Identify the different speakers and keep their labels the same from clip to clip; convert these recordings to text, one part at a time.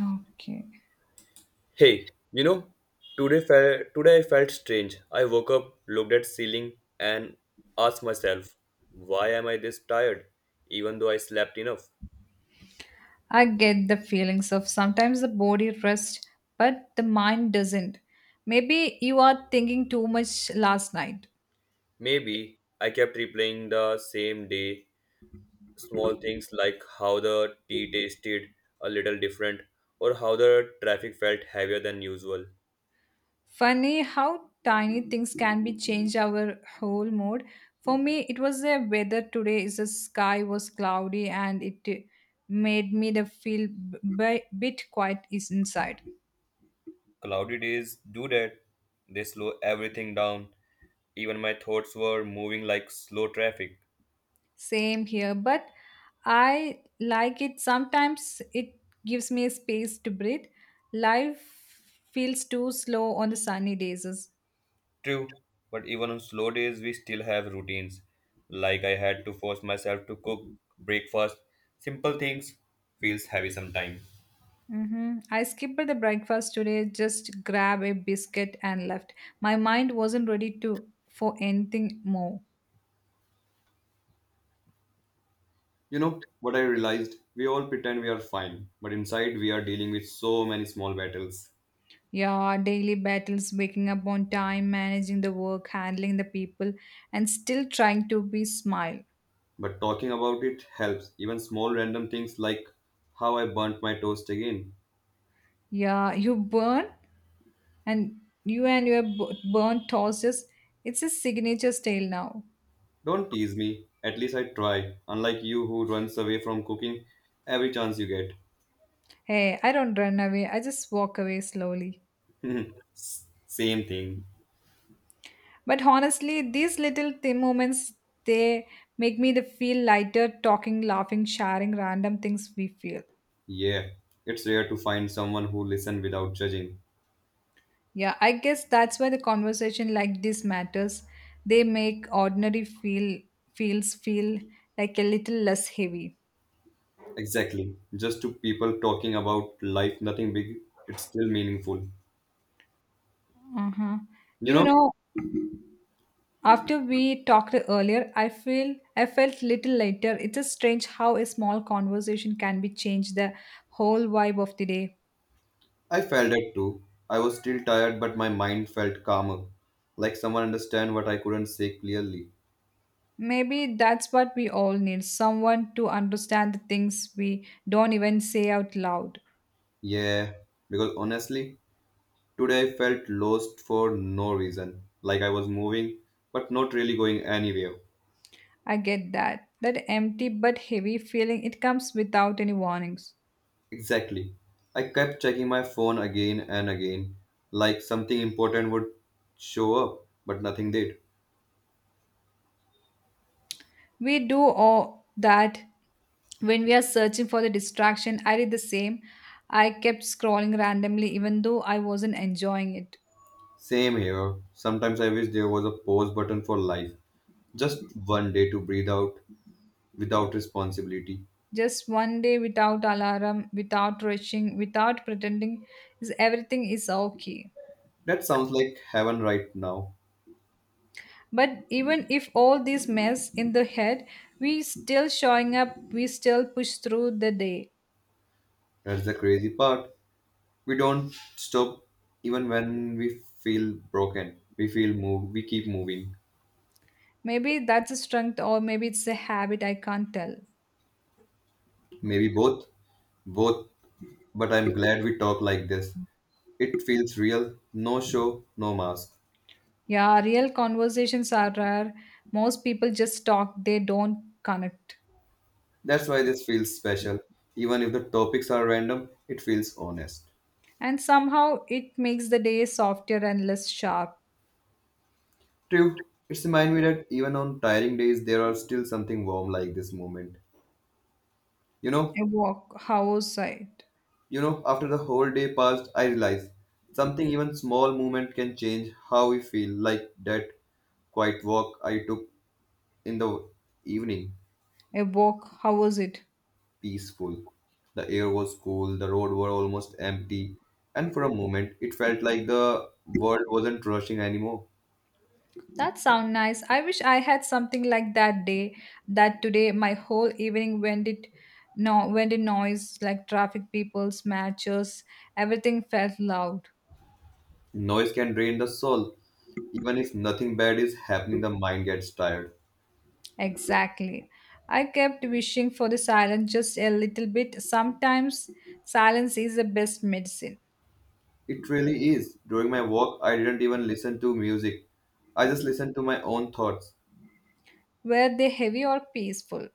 Speaker 1: Okay.
Speaker 2: Hey, you know, today I felt strange. I woke up, looked at ceiling, and asked myself, why am I this tired? Even though I slept enough.
Speaker 1: I get the feelings of sometimes the body rests, but the mind doesn't. Maybe you are thinking too much last night.
Speaker 2: Maybe I kept replaying the same day. Small things like how the tea tasted a little different, or how the traffic felt heavier than usual.
Speaker 1: Funny how tiny things can be change our whole mood. For me, it was the weather today. Is the sky was cloudy and it made me the feel bit quiet is inside.
Speaker 2: Cloudy days do that. They slow everything down. Even my thoughts were moving like slow traffic.
Speaker 1: Same here, but I like it. Sometimes it gives me a space to breathe. Life feels too slow on the sunny days.
Speaker 2: True, but even on slow days, we still have routines. Like I had to force myself to cook breakfast. Simple things feels heavy sometimes.
Speaker 1: Mm-hmm. I skipped the breakfast today, just grabbed a biscuit and left. My mind wasn't ready to for anything more.
Speaker 2: You know what I realized? We all pretend we are fine, but inside we are dealing with so many small battles.
Speaker 1: Yeah, daily battles, waking up on time, managing the work, handling the people, and still trying to be smile.
Speaker 2: But talking about it helps. Even small random things like how I burnt my toast again.
Speaker 1: Yeah, you burn and you and your burnt toast. Just it's a signature style now.
Speaker 2: Don't tease me. At least I try. Unlike you who runs away from cooking every chance you get.
Speaker 1: Hey, I don't run away, I just walk away slowly.
Speaker 2: S- Same thing.
Speaker 1: But honestly these little thin moments, they make me to feel lighter, talking, laughing, sharing random things we feel.
Speaker 2: Yeah, it's rare to find someone who listen without judging.
Speaker 1: Yeah, I guess that's why the conversation like this matters. They make ordinary feel feel like a little less heavy.
Speaker 2: Exactly. Just two people talking about life, nothing big, it's still meaningful.
Speaker 1: Uh-huh.
Speaker 2: You
Speaker 1: You
Speaker 2: know,
Speaker 1: know, after we talked earlier, I feel I felt little later. It's a strange how a small conversation can be changed the whole vibe of the day.
Speaker 2: I felt it too. I was still tired, but my mind felt calmer. Like someone understand what I couldn't say clearly.
Speaker 1: Maybe that's what we all need, someone to understand the things we don't even say out loud.
Speaker 2: Yeah, because honestly, today I felt lost for no reason. Like I was moving, but not really going anywhere.
Speaker 1: I get that. That empty but heavy feeling, it comes without any warnings.
Speaker 2: Exactly. I kept checking my phone again and again, like something important would show up, but nothing did.
Speaker 1: We do all that when we are searching for the distraction. I did the same. I kept scrolling randomly even though I wasn't enjoying it.
Speaker 2: Same here. Sometimes I wish there was a pause button for life, just one day to breathe out without responsibility.
Speaker 1: Just one day without alarm, without rushing, without pretending is everything is okay.
Speaker 2: That sounds like heaven right now.
Speaker 1: But even if all this mess in the head, we still showing up, we still push through the day.
Speaker 2: That's the crazy part. We don't stop even when we feel broken. We feel moved, we keep moving.
Speaker 1: Maybe that's a strength or maybe it's a habit, I can't tell.
Speaker 2: Maybe both, both, but I'm glad we talk like this. It feels real, no show, no mask.
Speaker 1: Yeah, real conversations are rare. Most people just talk, they don't connect.
Speaker 2: That's why this feels special. Even if the topics are random, it feels honest.
Speaker 1: And somehow it makes the day softer and less sharp.
Speaker 2: True, it's remind me that even on tiring days there are still something warm like this moment. You know,
Speaker 1: A walk, how was it?
Speaker 2: after the whole day passed, I realized something even small moment can change how we feel like that quiet walk I took in the evening.
Speaker 1: A walk, how was it?
Speaker 2: Peaceful. The air was cool, the road were almost empty, and for a moment it felt like the world wasn't rushing anymore.
Speaker 1: That sound nice. I wish I had something like that day. That today, my whole evening went it no went in noise, like traffic, people's matches. Everything felt loud.
Speaker 2: Noise can drain the soul. Even if nothing bad is happening, the mind gets tired.
Speaker 1: Exactly. I kept wishing for the silence just a little bit. Sometimes silence is the best medicine.
Speaker 2: It really is. During my walk, I didn't even listen to music. I just listened to my own thoughts.
Speaker 1: Were they heavy or peaceful?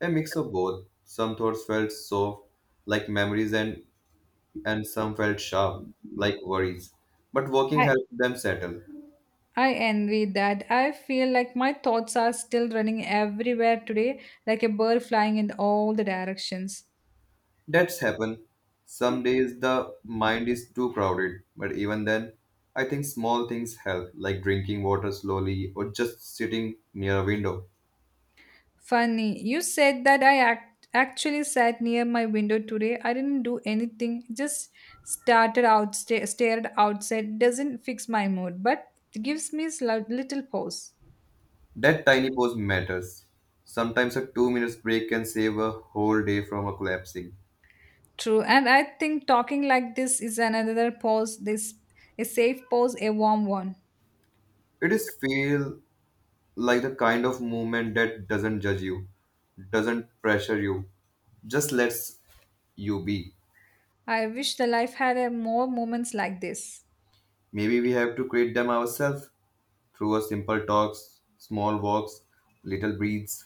Speaker 2: A mix of both. Some thoughts felt soft, like memories, and some felt sharp, like worries. But walking
Speaker 1: I
Speaker 2: helped them settle.
Speaker 1: I envy that. I feel like my thoughts are still running everywhere today, like a bird flying in all the directions.
Speaker 2: That's happen. Some days the mind is too crowded, but even then, I think small things help, like drinking water slowly or just sitting near a window.
Speaker 1: Funny, you said that I actually sat near my window today. I didn't do anything, just started out, stared outside. Doesn't fix my mood, but it gives me little pause.
Speaker 2: That tiny pause matters. Sometimes a 2 minutes break can save a whole day from a collapsing.
Speaker 1: True, and I think talking like this is another pause. This a safe pause, a warm one.
Speaker 2: It is feel like the kind of movement that doesn't judge you, doesn't pressure you, just lets you be.
Speaker 1: I wish the life had a more moments like this.
Speaker 2: Maybe we have to create them ourselves. Through a simple talks, small walks, little breathes.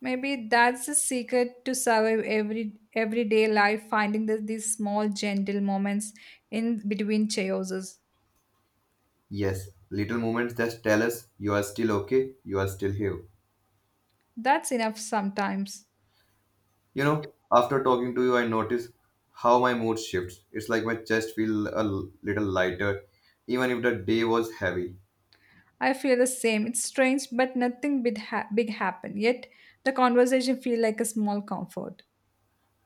Speaker 1: Maybe that's the secret to survive everyday life, finding the, these small gentle moments in between chaoses.
Speaker 2: Yes, little moments that tell us you are still okay, you are still here.
Speaker 1: That's enough sometimes.
Speaker 2: You know, after talking to you, I notice how my mood shifts. It's like my chest feels a little lighter, even if the day was heavy.
Speaker 1: I feel the same. It's strange, but nothing big, big happened. Yet the conversation feel like a small comfort.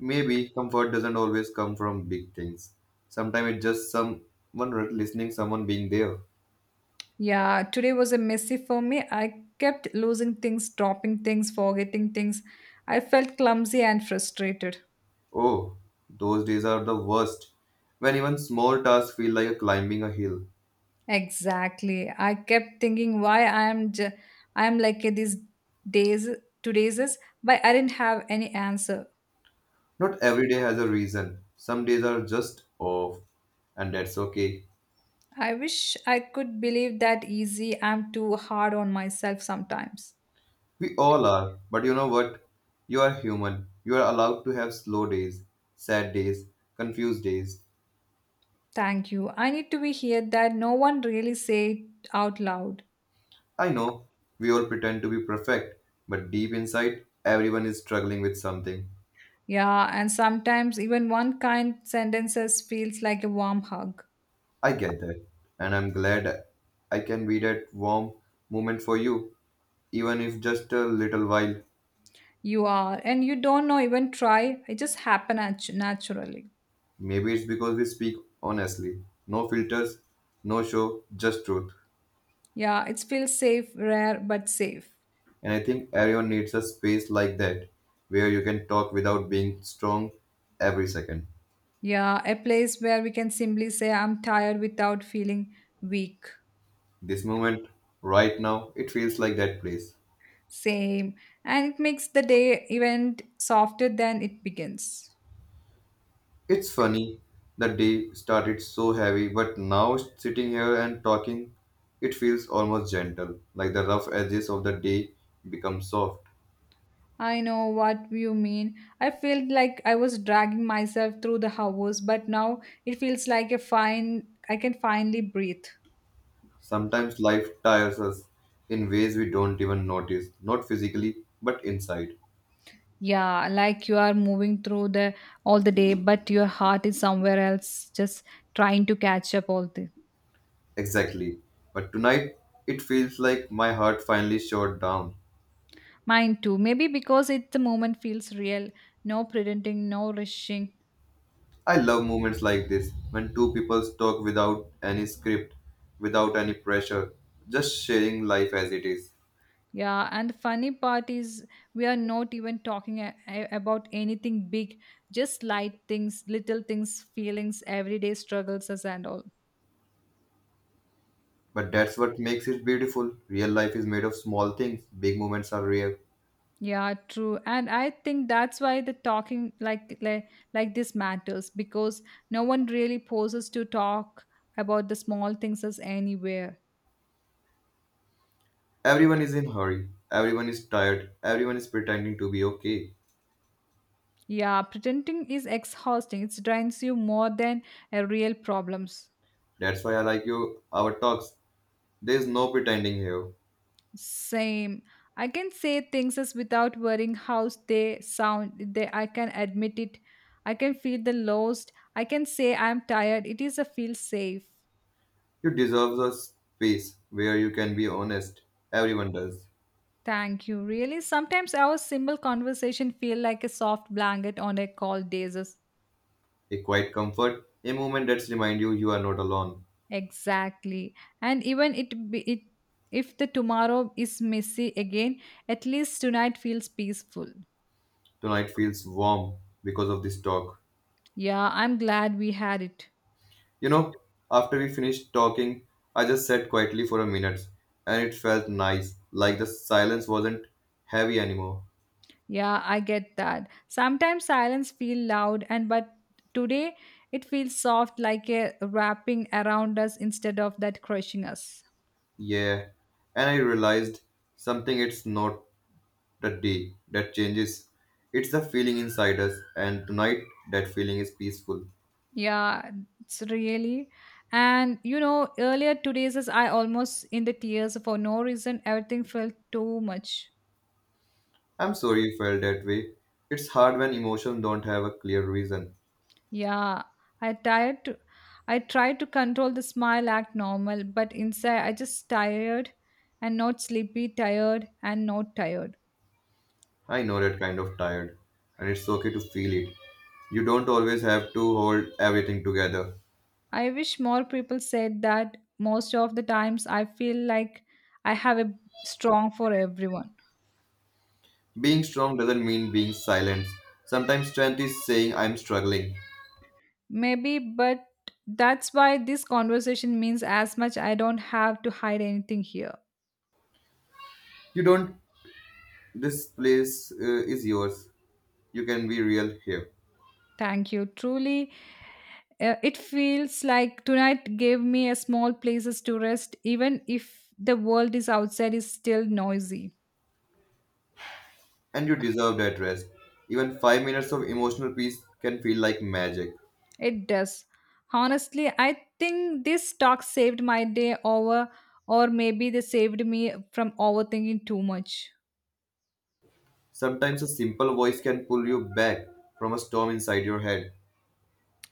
Speaker 2: Maybe comfort doesn't always come from big things. Sometimes it's just someone listening, someone being there.
Speaker 1: Yeah, today was a messy for me. I kept losing things, dropping things, forgetting things. I felt clumsy and frustrated.
Speaker 2: Oh, those days are the worst. When even small tasks feel like climbing a hill.
Speaker 1: Exactly. I kept thinking why I am like these days today's is, but I didn't have any answer.
Speaker 2: Not every day has a reason. Some days are just off, and that's okay.
Speaker 1: I wish I could believe that easy. I'm too hard on myself sometimes.
Speaker 2: We all are. But you know what? You are human. You are allowed to have slow days, sad days, confused days.
Speaker 1: Thank you. I need to be here that no one really say it out loud.
Speaker 2: I know we all pretend to be perfect, but deep inside, everyone is struggling with something.
Speaker 1: Yeah, and sometimes even one kind sentences feels like a warm hug.
Speaker 2: I get that. And I'm glad I can be that warm moment for you, even if just a little while.
Speaker 1: You are, and you don't know even try. It just happen naturally.
Speaker 2: Maybe it's because we speak honestly. No filters, no show, just truth.
Speaker 1: Yeah, it feels safe, rare but safe.
Speaker 2: And I think everyone needs a space like that where you can talk without being strong every second.
Speaker 1: Yeah, a place where we can simply say I'm tired without feeling weak.
Speaker 2: This moment, right now, it feels like that place.
Speaker 1: Same, and it makes the day event softer than it begins.
Speaker 2: It's funny, the day started so heavy, but now sitting here and talking, it feels almost gentle, like the rough edges of the day become soft.
Speaker 1: I know what you mean. I felt like I was dragging myself through the hours, but now it feels like a fine I can finally breathe.
Speaker 2: Sometimes life tires us in ways we don't even notice, not physically, but inside.
Speaker 1: Yeah, like you are moving through the all the day, but your heart is somewhere else, just trying to catch up all the
Speaker 2: Exactly. But tonight, it feels like my heart finally shut down.
Speaker 1: mine too. Maybe because it the moment feels real, no pretending, no rushing.
Speaker 2: I love moments like this when two people talk without any script, without any pressure, just sharing life as it is.
Speaker 1: Yeah, and the funny part is we are not even talking about anything big, just light things, little things, feelings, everyday struggles as and all.
Speaker 2: But that's what makes it beautiful. Real life is made of small things, big moments are rare.
Speaker 1: Yeah, true. And I think that's why the talking like this matters because no one really pauses to talk about the small things as anywhere.
Speaker 2: Everyone is in hurry, everyone is tired, everyone is pretending to be okay.
Speaker 1: Yeah, pretending is exhausting. It drains you more than real problems.
Speaker 2: That's why I like you our talks. There's no pretending here.
Speaker 1: Same. I can say things as without worrying how they sound. They, I can admit it. I can feel the lost. I can say I'm tired. It is a feel safe.
Speaker 2: You deserve a space where you can be honest. Everyone does.
Speaker 1: Thank you. Really, sometimes our simple conversation feel like a soft blanket on a cold days. Is-
Speaker 2: A quiet comfort, a moment that's remind you you are not alone.
Speaker 1: exactly. And even it, if the tomorrow is messy again, at least tonight feels peaceful.
Speaker 2: Tonight feels warm because of this talk.
Speaker 1: Yeah, I'm glad we had it.
Speaker 2: You know, after we finished talking, I just sat quietly for a minute and it felt nice, like the silence wasn't heavy anymore.
Speaker 1: Yeah, I get that. Sometimes silence feel loud and but today it feels soft like a wrapping around us instead of that crushing us.
Speaker 2: Yeah, and I realized something it's not the day that changes, it's the feeling inside us, and tonight that feeling is peaceful.
Speaker 1: Yeah, it's really, and you know earlier today's is I almost in the tears for no reason, everything felt too much.
Speaker 2: I'm sorry you felt that way. It's hard when emotions don't have a clear reason.
Speaker 1: Yeah, I tired to I tried to control the smile, act normal, but inside I just tired and not sleepy tired and not tired.
Speaker 2: I know that kind of tired, and it's okay to feel it. You don't always have to hold everything together.
Speaker 1: I wish more people said that most of the times I feel like I have a strong for everyone.
Speaker 2: Being strong doesn't mean being silent. Sometimes strength is saying, I'm struggling.
Speaker 1: Maybe, but that's why this conversation means as much. I don't have to hide anything here.
Speaker 2: You don't, this place is yours. You can be real here.
Speaker 1: Thank you. Truly, it feels like tonight gave me a small places to rest, even if the world is outside is still noisy.
Speaker 2: And you deserve that rest. Even 5 minutes of emotional peace can feel like magic.
Speaker 1: It does. Honestly, I think this talk saved my day over, or maybe they saved me from overthinking too much.
Speaker 2: Sometimes a simple voice can pull you back from a storm inside your head.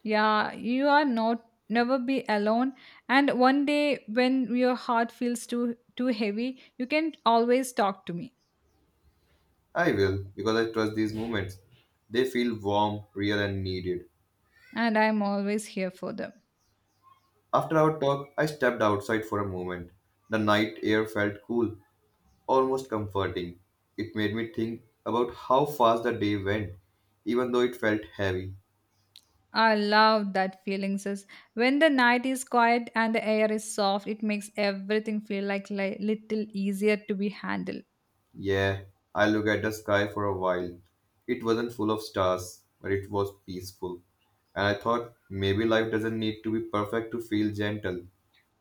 Speaker 1: Yeah, you are not never be alone. And one day when your heart feels too heavy, you can always talk to me.
Speaker 2: I will, because I trust these moments. They feel warm, real, and needed.
Speaker 1: And I'm always here for them.
Speaker 2: After our talk, I stepped outside for a moment. The night air felt cool, almost comforting. It made me think about how fast the day went, even though it felt heavy.
Speaker 1: I love that feeling, sis. When the night is quiet and the air is soft, it makes everything feel like little easier to be handled.
Speaker 2: Yeah, I looked at the sky for a while. It wasn't full of stars, but it was peaceful. And I thought maybe life doesn't need to be perfect to feel gentle.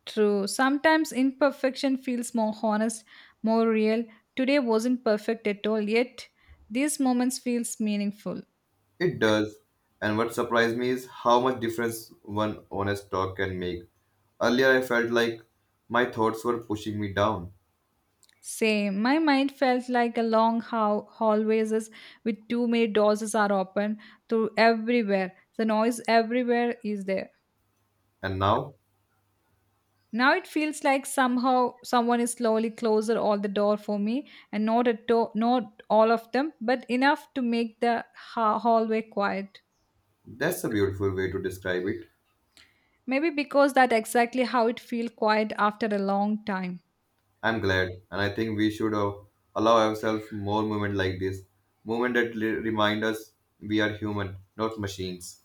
Speaker 1: True. Sometimes imperfection feels more honest, more real. Today wasn't perfect at all, yet these moments feels meaningful.
Speaker 2: It does. And what surprised me is how much difference one honest talk can make. Earlier, I felt like my thoughts were pushing me down.
Speaker 1: Same. My mind felt like a long how hallways is with too many doors is are open through everywhere. The noise everywhere is there.
Speaker 2: And now,
Speaker 1: Now it feels like somehow someone is slowly closer all the door for me, and not at all, not all of them, but enough to make the hallway quiet.
Speaker 2: that's a beautiful way to describe it.
Speaker 1: Maybe because that exactly how it feel quiet after a long time.
Speaker 2: I'm glad, and I think we should allow ourselves more moments like this, moments that remind us we are human, not machines.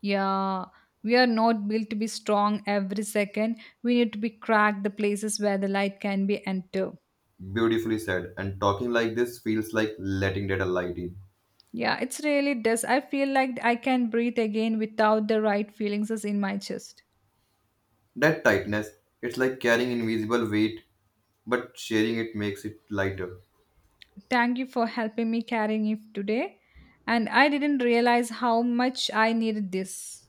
Speaker 1: Yeah, we are not built to be strong every second. We need to be cracked the places where the light can be enter.
Speaker 2: Beautifully said. And talking like this feels like letting that light in.
Speaker 1: Yeah, it's really does. I feel like I can breathe again without the right feelings is in my chest.
Speaker 2: That tightness, it's like carrying invisible weight, but sharing it makes it lighter.
Speaker 1: Thank you for helping me carrying it today. And I didn't realize how much I needed this.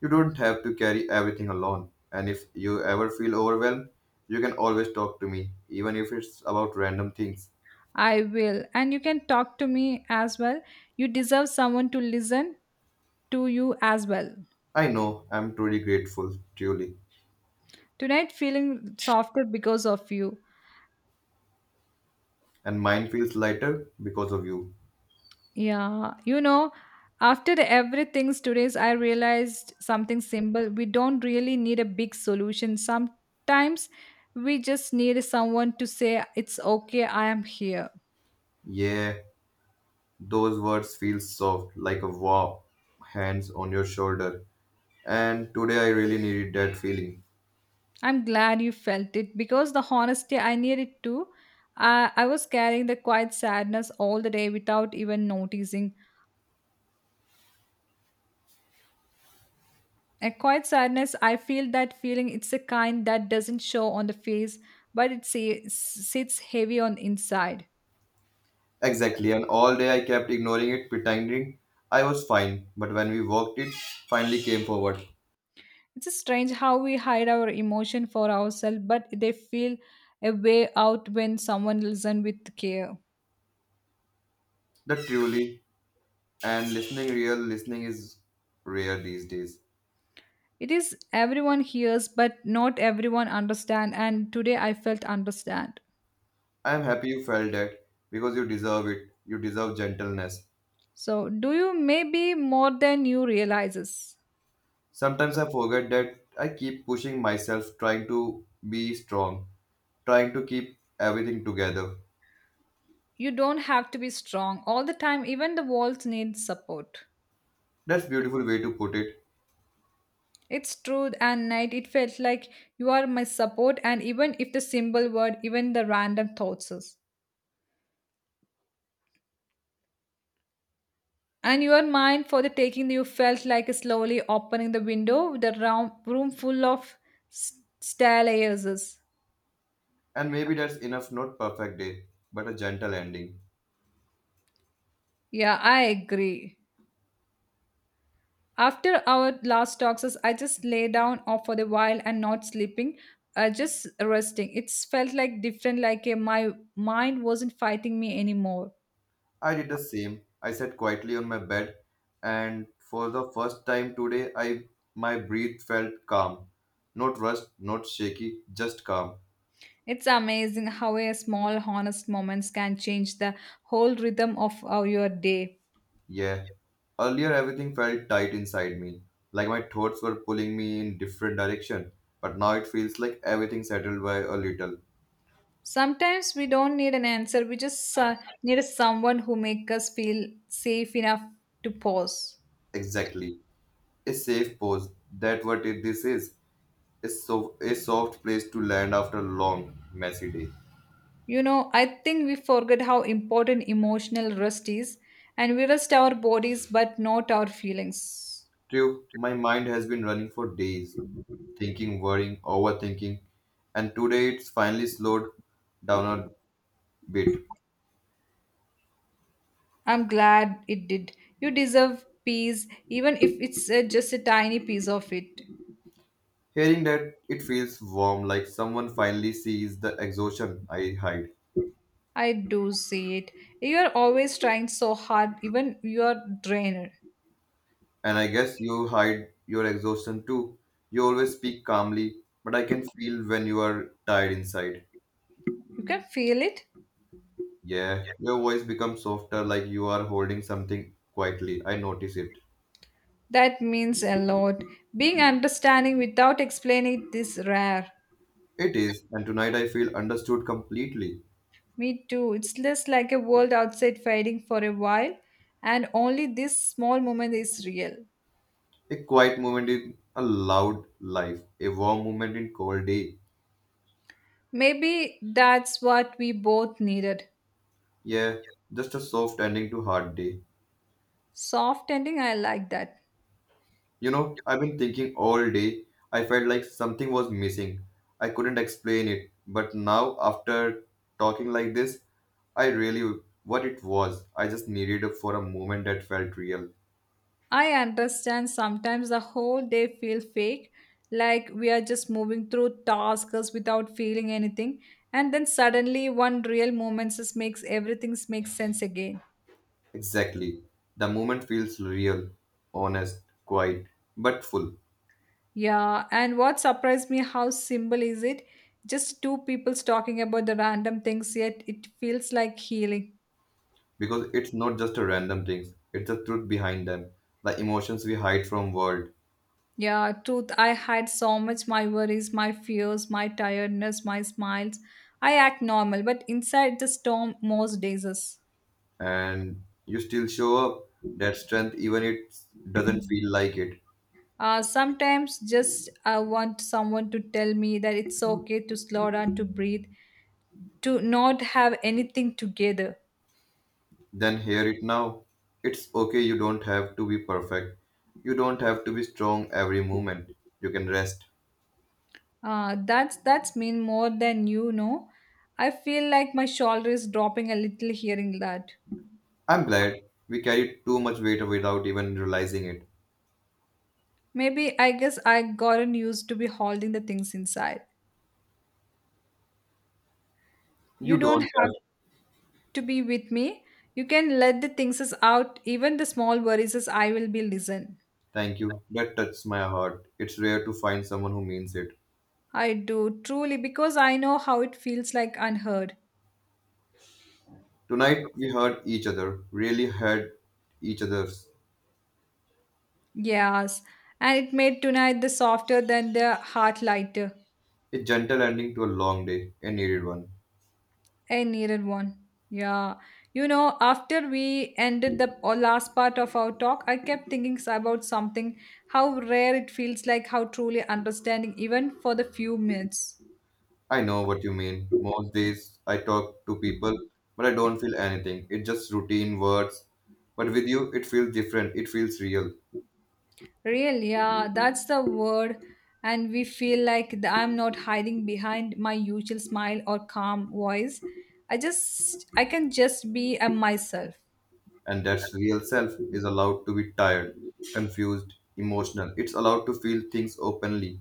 Speaker 2: You don't have to carry everything alone. And if you ever feel overwhelmed, you can always talk to me, even if it's about random things.
Speaker 1: I will. And you can talk to me as well. You deserve someone to listen to you as well.
Speaker 2: I know, I'm truly grateful, truly.
Speaker 1: Tonight feeling softer because of you.
Speaker 2: And mine feels lighter because of you.
Speaker 1: Yeah, you know, after everything today's, I realized something simple. We don't really need a big solution. Sometimes we just need someone to say, it's okay, I am here.
Speaker 2: Yeah, those words feel soft, like a warm hands on your shoulder. And today I really needed that feeling.
Speaker 1: I'm glad you felt it because the honesty I needed too. I was carrying the quiet sadness all the day without even noticing. A quiet sadness, I feel that feeling it's a kind that doesn't show on the face, but it sits heavy on inside.
Speaker 2: Exactly, and all day I kept ignoring it, pretending I was fine. But when we walked, it finally came forward.
Speaker 1: It's strange how we hide our emotion for ourselves, but they feel a way out when someone listens with care.
Speaker 2: The truly and listening, real listening is rare these days.
Speaker 1: It is everyone hears, but not everyone understand. And today I felt understand.
Speaker 2: I am happy you felt that because you deserve it. You deserve gentleness.
Speaker 1: So do you maybe more than you realizes?
Speaker 2: Sometimes I forget that I keep pushing myself, trying to be strong, trying to keep everything together.
Speaker 1: You don't have to be strong all the time. Even the walls need support.
Speaker 2: That's beautiful way to put it.
Speaker 1: It's true, and night it felt like you are my support, and even if the simple word, even the random thoughts. Is- and your mind for the taking, you felt like slowly opening the window with a round room full of starlayers. Is.
Speaker 2: And maybe that's enough, not perfect day, but a gentle ending.
Speaker 1: Yeah, I agree. After our last talks, is, I just lay down off for the while and not sleeping, just resting. It's felt like different, like my mind wasn't fighting me anymore.
Speaker 2: I did the same. I sat quietly on my bed, and for the first time today, I my breath felt calm, not rushed, not shaky, just calm.
Speaker 1: It's amazing how a small honest moments can change the whole rhythm of your day.
Speaker 2: Yeah. Earlier, everything felt tight inside me, like my thoughts were pulling me in different direction. But now it feels like everything settled by a little.
Speaker 1: Sometimes we don't need an answer, we just need someone who make us feel safe enough to pause.
Speaker 2: Exactly. A safe pose. That what it, this is. A soft place to land after a long, messy day.
Speaker 1: You know, I think we forget how important emotional rest is and we rest our bodies but not our feelings.
Speaker 2: True, my mind has been running for days, thinking, worrying, overthinking, and today it's finally slowed down a bit.
Speaker 1: I'm glad it did. You deserve peace even if it's just a tiny piece of it.
Speaker 2: Hearing that, it feels warm, like someone finally sees the exhaustion I hide.
Speaker 1: I do see it. You're always trying so hard, even you're drained.
Speaker 2: And I guess you hide your exhaustion too. You always speak calmly, but I can feel when you are tired inside.
Speaker 1: You can feel it.
Speaker 2: Yeah, your voice becomes softer like you are holding something quietly. I notice it.
Speaker 1: That means a lot. Being understanding without explaining it is rare.
Speaker 2: It is, and tonight I feel understood completely.
Speaker 1: Me too. It's just like a world outside fading for a while, and only this small moment is real.
Speaker 2: A quiet moment in a loud life, a warm moment in cold day.
Speaker 1: Maybe that's what we both needed.
Speaker 2: Yeah, just a soft ending to hard day.
Speaker 1: Soft ending, I like that.
Speaker 2: You know, I've been thinking all day. I felt like something was missing. I couldn't explain it, but now after talking like this, I really what it was. I just needed it for a moment that felt real.
Speaker 1: I understand sometimes the whole day feel fake, like we are just moving through tasks without feeling anything, and then suddenly one real moment just makes everything makes sense again.
Speaker 2: Exactly. The moment feels real, honest, quiet, but full
Speaker 1: Yeah, and what surprised me how simple is it? Just two people's talking about the random things, yet it feels like healing.
Speaker 2: because it's not just a random things. It's the truth behind them, the emotions we hide from world
Speaker 1: Yeah, truth, I hide so much my worries, my fears, my tiredness, my smiles. I act normal, but inside the storm most days is.
Speaker 2: and you still show up that strength even it doesn't feel like it.
Speaker 1: Sometimes just I want someone to tell me that it's okay to slow down, to breathe, to not have anything together.
Speaker 2: Then hear it now. It's okay, you don't have to be perfect. You don't have to be strong every moment. You can rest.
Speaker 1: That's mean more than you know. I feel like my shoulder is dropping a little hearing that.
Speaker 2: I'm glad we carried too much weight without even realizing it.
Speaker 1: Maybe I guess I gotten used to be holding the things inside. You
Speaker 2: You
Speaker 1: don't
Speaker 2: don't
Speaker 1: have
Speaker 2: have.
Speaker 1: to be with me. You can let the things is out, even the small worries is I will be listen.
Speaker 2: Thank you. That touched my heart. It's rare to find someone who means it.
Speaker 1: I do truly because I know how it feels like unheard.
Speaker 2: Tonight we heard each other, really heard each other's.
Speaker 1: Yes, and it made tonight the softer than the heart lighter.
Speaker 2: A gentle ending to a long day, a needed one.
Speaker 1: A needed one. Yeah. You know, after we ended the last part of our talk, I kept thinking about something how rare it feels like, how truly understanding, even for the few minutes.
Speaker 2: I know what you mean. Most days I talk to people, but I don't feel anything. It's just routine words. But with you, it feels different. It feels real.
Speaker 1: Real, yeah, that's the word. And we feel like I'm not hiding behind my usual smile or calm voice. I can just be a myself.
Speaker 2: And that's real self is allowed to be tired, confused, emotional. It's allowed to feel things openly.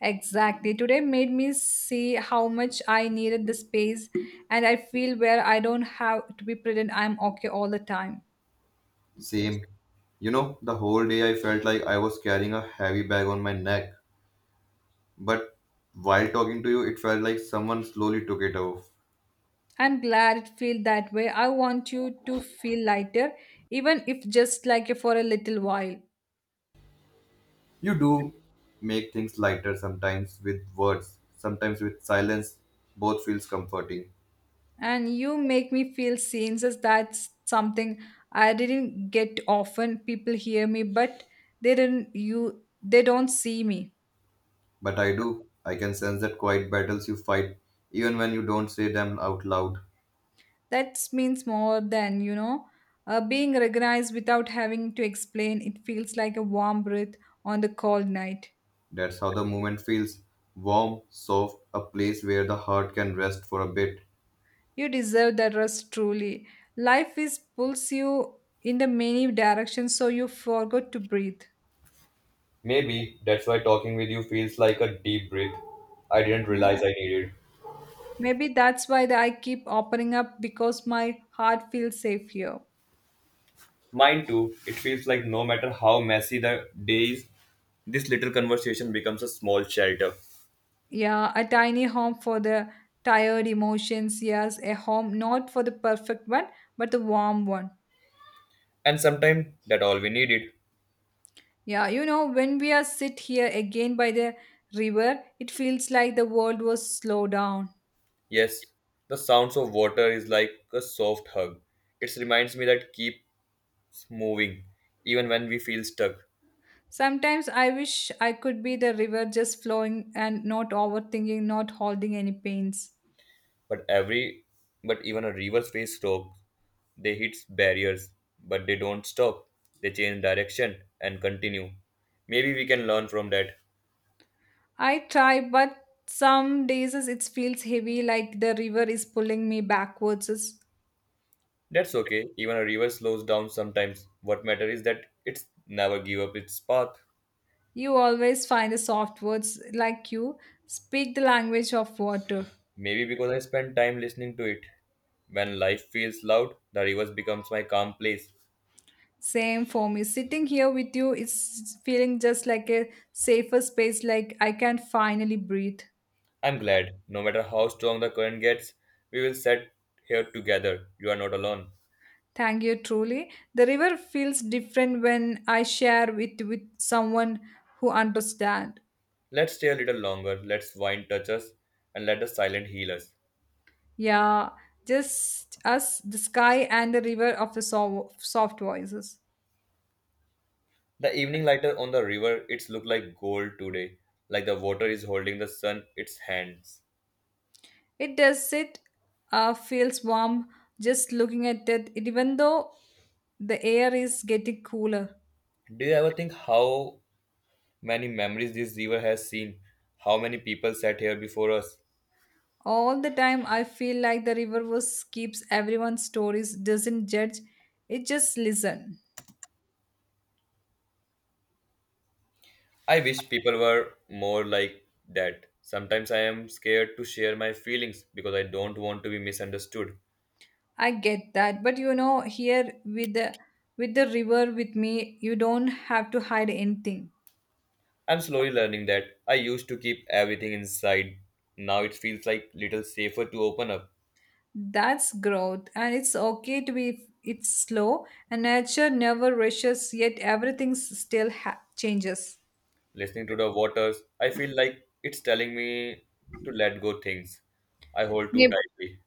Speaker 1: Exactly. Today made me see how much I needed the space, and I feel where I don't have to be pretend I'm okay all the time.
Speaker 2: Same. You know, the whole day I felt like I was carrying a heavy bag on my neck. But while talking to you, it felt like someone slowly took it off.
Speaker 1: I'm glad it feel that way. I want you to feel lighter, even if just like for a little while.
Speaker 2: You do make things lighter sometimes with words, sometimes with silence. Both feels comforting.
Speaker 1: And you make me feel seen, as that's something I didn't get often. People hear me, but they didn't. You they don't see me.
Speaker 2: But I do. I can sense that quiet battles you fight, even when you don't say them out loud.
Speaker 1: That means more than, you know, being recognized without having to explain. It feels like a warm breath on the cold night.
Speaker 2: That's how the moment feels warm, soft, a place where the heart can rest for a bit.
Speaker 1: You deserve that rest truly. Life is pulls you in the many directions, so you forgot to breathe.
Speaker 2: Maybe that's why talking with you feels like a deep breath. I didn't
Speaker 1: Yeah.
Speaker 2: realize I needed.
Speaker 1: Maybe that's why the, I keep opening up because my heart feels safe here.
Speaker 2: Mine too. It feels like no matter how messy the day is, this little conversation becomes a small shelter.
Speaker 1: Yeah, a tiny home for the tired emotions. Yes, a home not for the perfect one, but the warm one.
Speaker 2: And sometimes that all we needed.
Speaker 1: Yeah, you know, when we are sit here again by the river, it feels like the world was slowed down.
Speaker 2: Yes, the sounds of water is like a soft hug. It reminds me that keeps moving, even when we feel stuck.
Speaker 1: Sometimes I wish I could be the river just flowing and not overthinking, not holding any pains.
Speaker 2: But every, but even a river's face stroke, they hit barriers, but they don't stop. They change direction and continue. Maybe we can learn from that.
Speaker 1: I try, but some days as it feels heavy like the river is pulling me backwards. As
Speaker 2: That's okay. Even a river slows down sometimes. What matter is that it's never give up its path.
Speaker 1: you always find the soft words like you speak the language of water.
Speaker 2: Maybe because I spend time listening to it. When life feels loud, the rivers becomes my calm place.
Speaker 1: Same for me. Sitting here with you is feeling just like a safer space, like I can finally breathe.
Speaker 2: I'm glad, no matter how strong the current gets, we will sit here together. You are not alone.
Speaker 1: Thank you truly. The river feels different when I share it with someone who understand.
Speaker 2: Let's stay a little longer, let's wine touch us, and let the silent heal us.
Speaker 1: Yeah, just us, the sky and the river of the soft voices.
Speaker 2: The evening light on the river, it's look like gold today, like the water is holding the sun its hands.
Speaker 1: It does it feels warm just looking at it, even though the air is getting cooler.
Speaker 2: Do you ever think how many memories this river has seen? How many people sat here before us?
Speaker 1: All the time, I feel like the river was keeps everyone's stories, doesn't judge, it just listen.
Speaker 2: I wish people were more like that. Sometimes I am scared to share my feelings because I don't want to be misunderstood.
Speaker 1: I get that, but you know, here with the river with me, you don't have to hide anything.
Speaker 2: I'm slowly learning that I used to keep everything inside. Now it feels like little safer to open up.
Speaker 1: That's growth, and it's okay to be it's slow. And nature never rushes, yet everything still changes.
Speaker 2: Listening to the waters, I feel like it's telling me to let go things I hold too
Speaker 1: Maybe,
Speaker 2: tightly.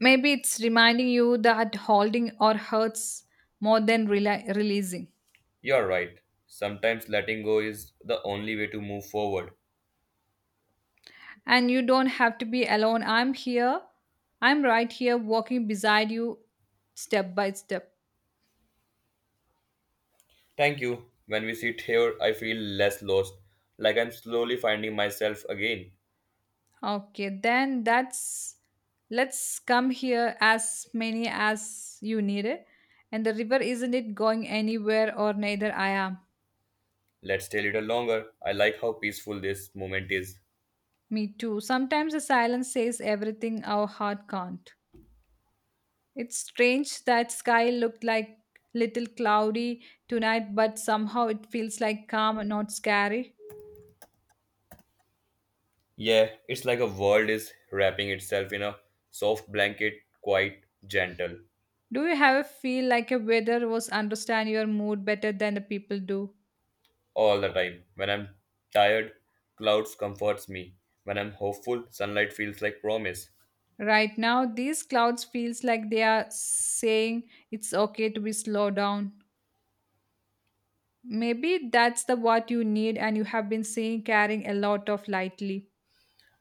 Speaker 1: maybe, it's reminding you that holding or hurts more than releasing.
Speaker 2: You're right. Sometimes letting go is the only way to move forward.
Speaker 1: And you don't have to be alone. I'm here. I'm right here walking beside you step by step.
Speaker 2: Thank you. When we sit here, I feel less lost, like I'm slowly finding myself again.
Speaker 1: Okay, then that's let's come here as many as you need it. And the river isn't it going anywhere or neither I am.
Speaker 2: Let's stay a little longer. I like how peaceful this moment is.
Speaker 1: Me too. Sometimes the silence says everything our heart can't. It's strange that sky looked like little cloudy tonight, but somehow it feels like calm and not scary.
Speaker 2: Yeah, it's like a world is wrapping itself in a soft blanket, quite gentle,
Speaker 1: Do you ever feel like a weather was understand your mood better than the people do?
Speaker 2: all the time. When I'm tired, clouds comforts me. When I'm hopeful, sunlight feels like promise.
Speaker 1: Right now, these clouds feels like they are saying it's okay to be slow down. Maybe that's the what you need and you have been seeing carrying a lot of lightly.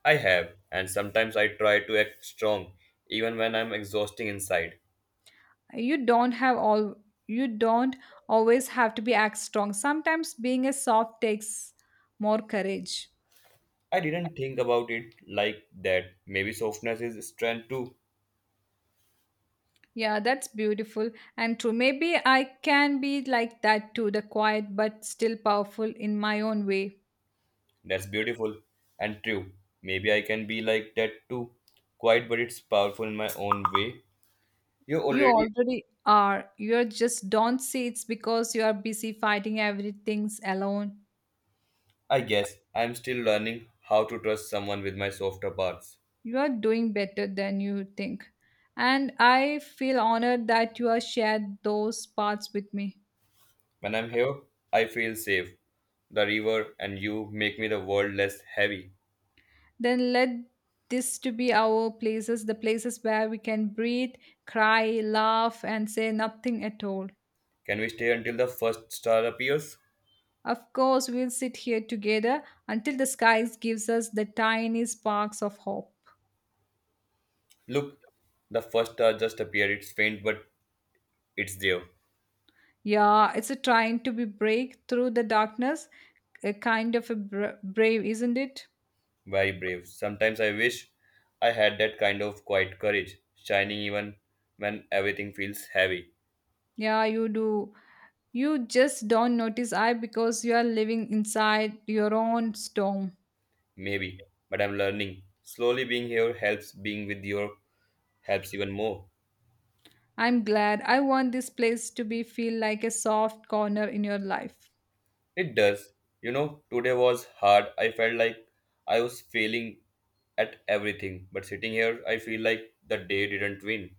Speaker 2: I have, and sometimes I try to act strong, even when I'm exhausting inside.
Speaker 1: You don't have all you don't always have to be act strong. Sometimes being a soft takes more courage.
Speaker 2: I didn't think about it like that. Maybe softness is strength too.
Speaker 1: Yeah, that's beautiful and true. Maybe I can be like that too, the quiet but still powerful in my own way.
Speaker 2: That's beautiful and true. Maybe I can be like that too. Quiet, but it's powerful in my own way. You
Speaker 1: You
Speaker 2: already,
Speaker 1: already are. You just don't see it's because you are busy fighting everything's alone.
Speaker 2: I guess, I'm still learning how to trust someone with my softer parts.
Speaker 1: You are doing better than you think. And I feel honored that you have shared those parts with me.
Speaker 2: When I'm here, I feel safe. The river and you make me the world less heavy.
Speaker 1: Then let this to be our places, the places where we can breathe, cry, laugh, and say nothing at all.
Speaker 2: Can we stay until the first star appears?
Speaker 1: Of course, we'll sit here together until the skies gives us the tiny sparks of hope.
Speaker 2: Look, the first star just appeared. It's faint, but it's there.
Speaker 1: Yeah, it's a trying to be break through the darkness, a kind of a brave, isn't it?
Speaker 2: Very brave. Sometimes I wish I had that kind of quiet courage, shining even when everything feels heavy.
Speaker 1: Yeah, you do. You just don't notice I because you are living inside your own storm.
Speaker 2: Maybe, but I'm learning. Slowly being here helps being with your helps even more.
Speaker 1: I'm glad. I want this place to be feel like a soft corner in your life.
Speaker 2: It does. You know, today was hard. I felt like I was failing at everything, but sitting here, I feel like the day didn't win.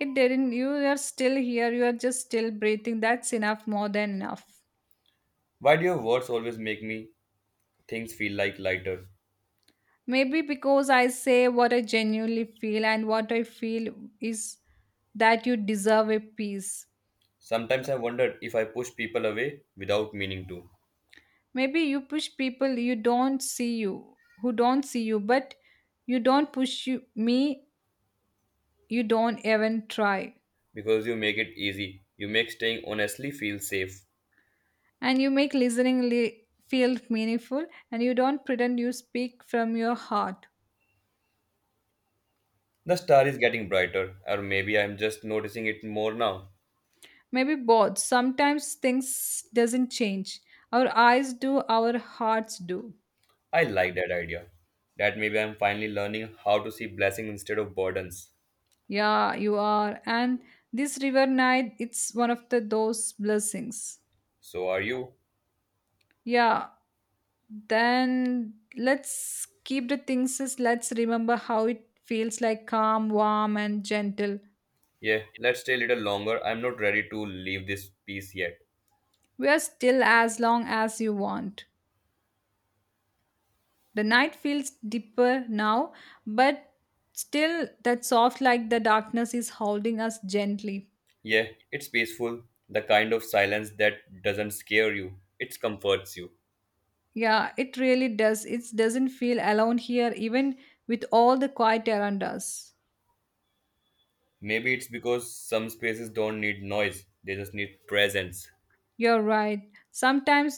Speaker 1: It didn't. You are still here. You are just still breathing. That's enough, more than enough.
Speaker 2: Why do your words always make me things feel like lighter?
Speaker 1: Maybe because I say what I genuinely feel, and what I feel is that you deserve a peace.
Speaker 2: Sometimes I wonder if I push people away without meaning to.
Speaker 1: Maybe you push people you don't see you, who don't see you, but you don't push you, me, you don't even try.
Speaker 2: Because you make it easy. You make staying honestly feel safe.
Speaker 1: And you make listening feel meaningful, and you don't pretend you speak from your heart.
Speaker 2: The star is getting brighter, or maybe I'm just noticing it more now.
Speaker 1: Maybe both. Sometimes things doesn't change. Our eyes do, our hearts do.
Speaker 2: I like that idea. That maybe I'm finally learning how to see blessings instead of burdens.
Speaker 1: Yeah, you are. And this river night, it's one of the those blessings.
Speaker 2: So are you?
Speaker 1: Yeah. Then let's keep the things as let's remember how it feels like calm, warm, and gentle.
Speaker 2: Yeah, let's stay a little longer. I'm not ready to leave this piece yet.
Speaker 1: We are still as long as you want. The night feels deeper now, but still that soft like the darkness is holding us gently.
Speaker 2: Yeah, it's peaceful. The kind of silence that doesn't scare you, it comforts you.
Speaker 1: Yeah, it really does. It doesn't feel alone here, even with all the quiet around us.
Speaker 2: Maybe it's because some spaces don't need noise, they just need presence.
Speaker 1: You're right. Sometimes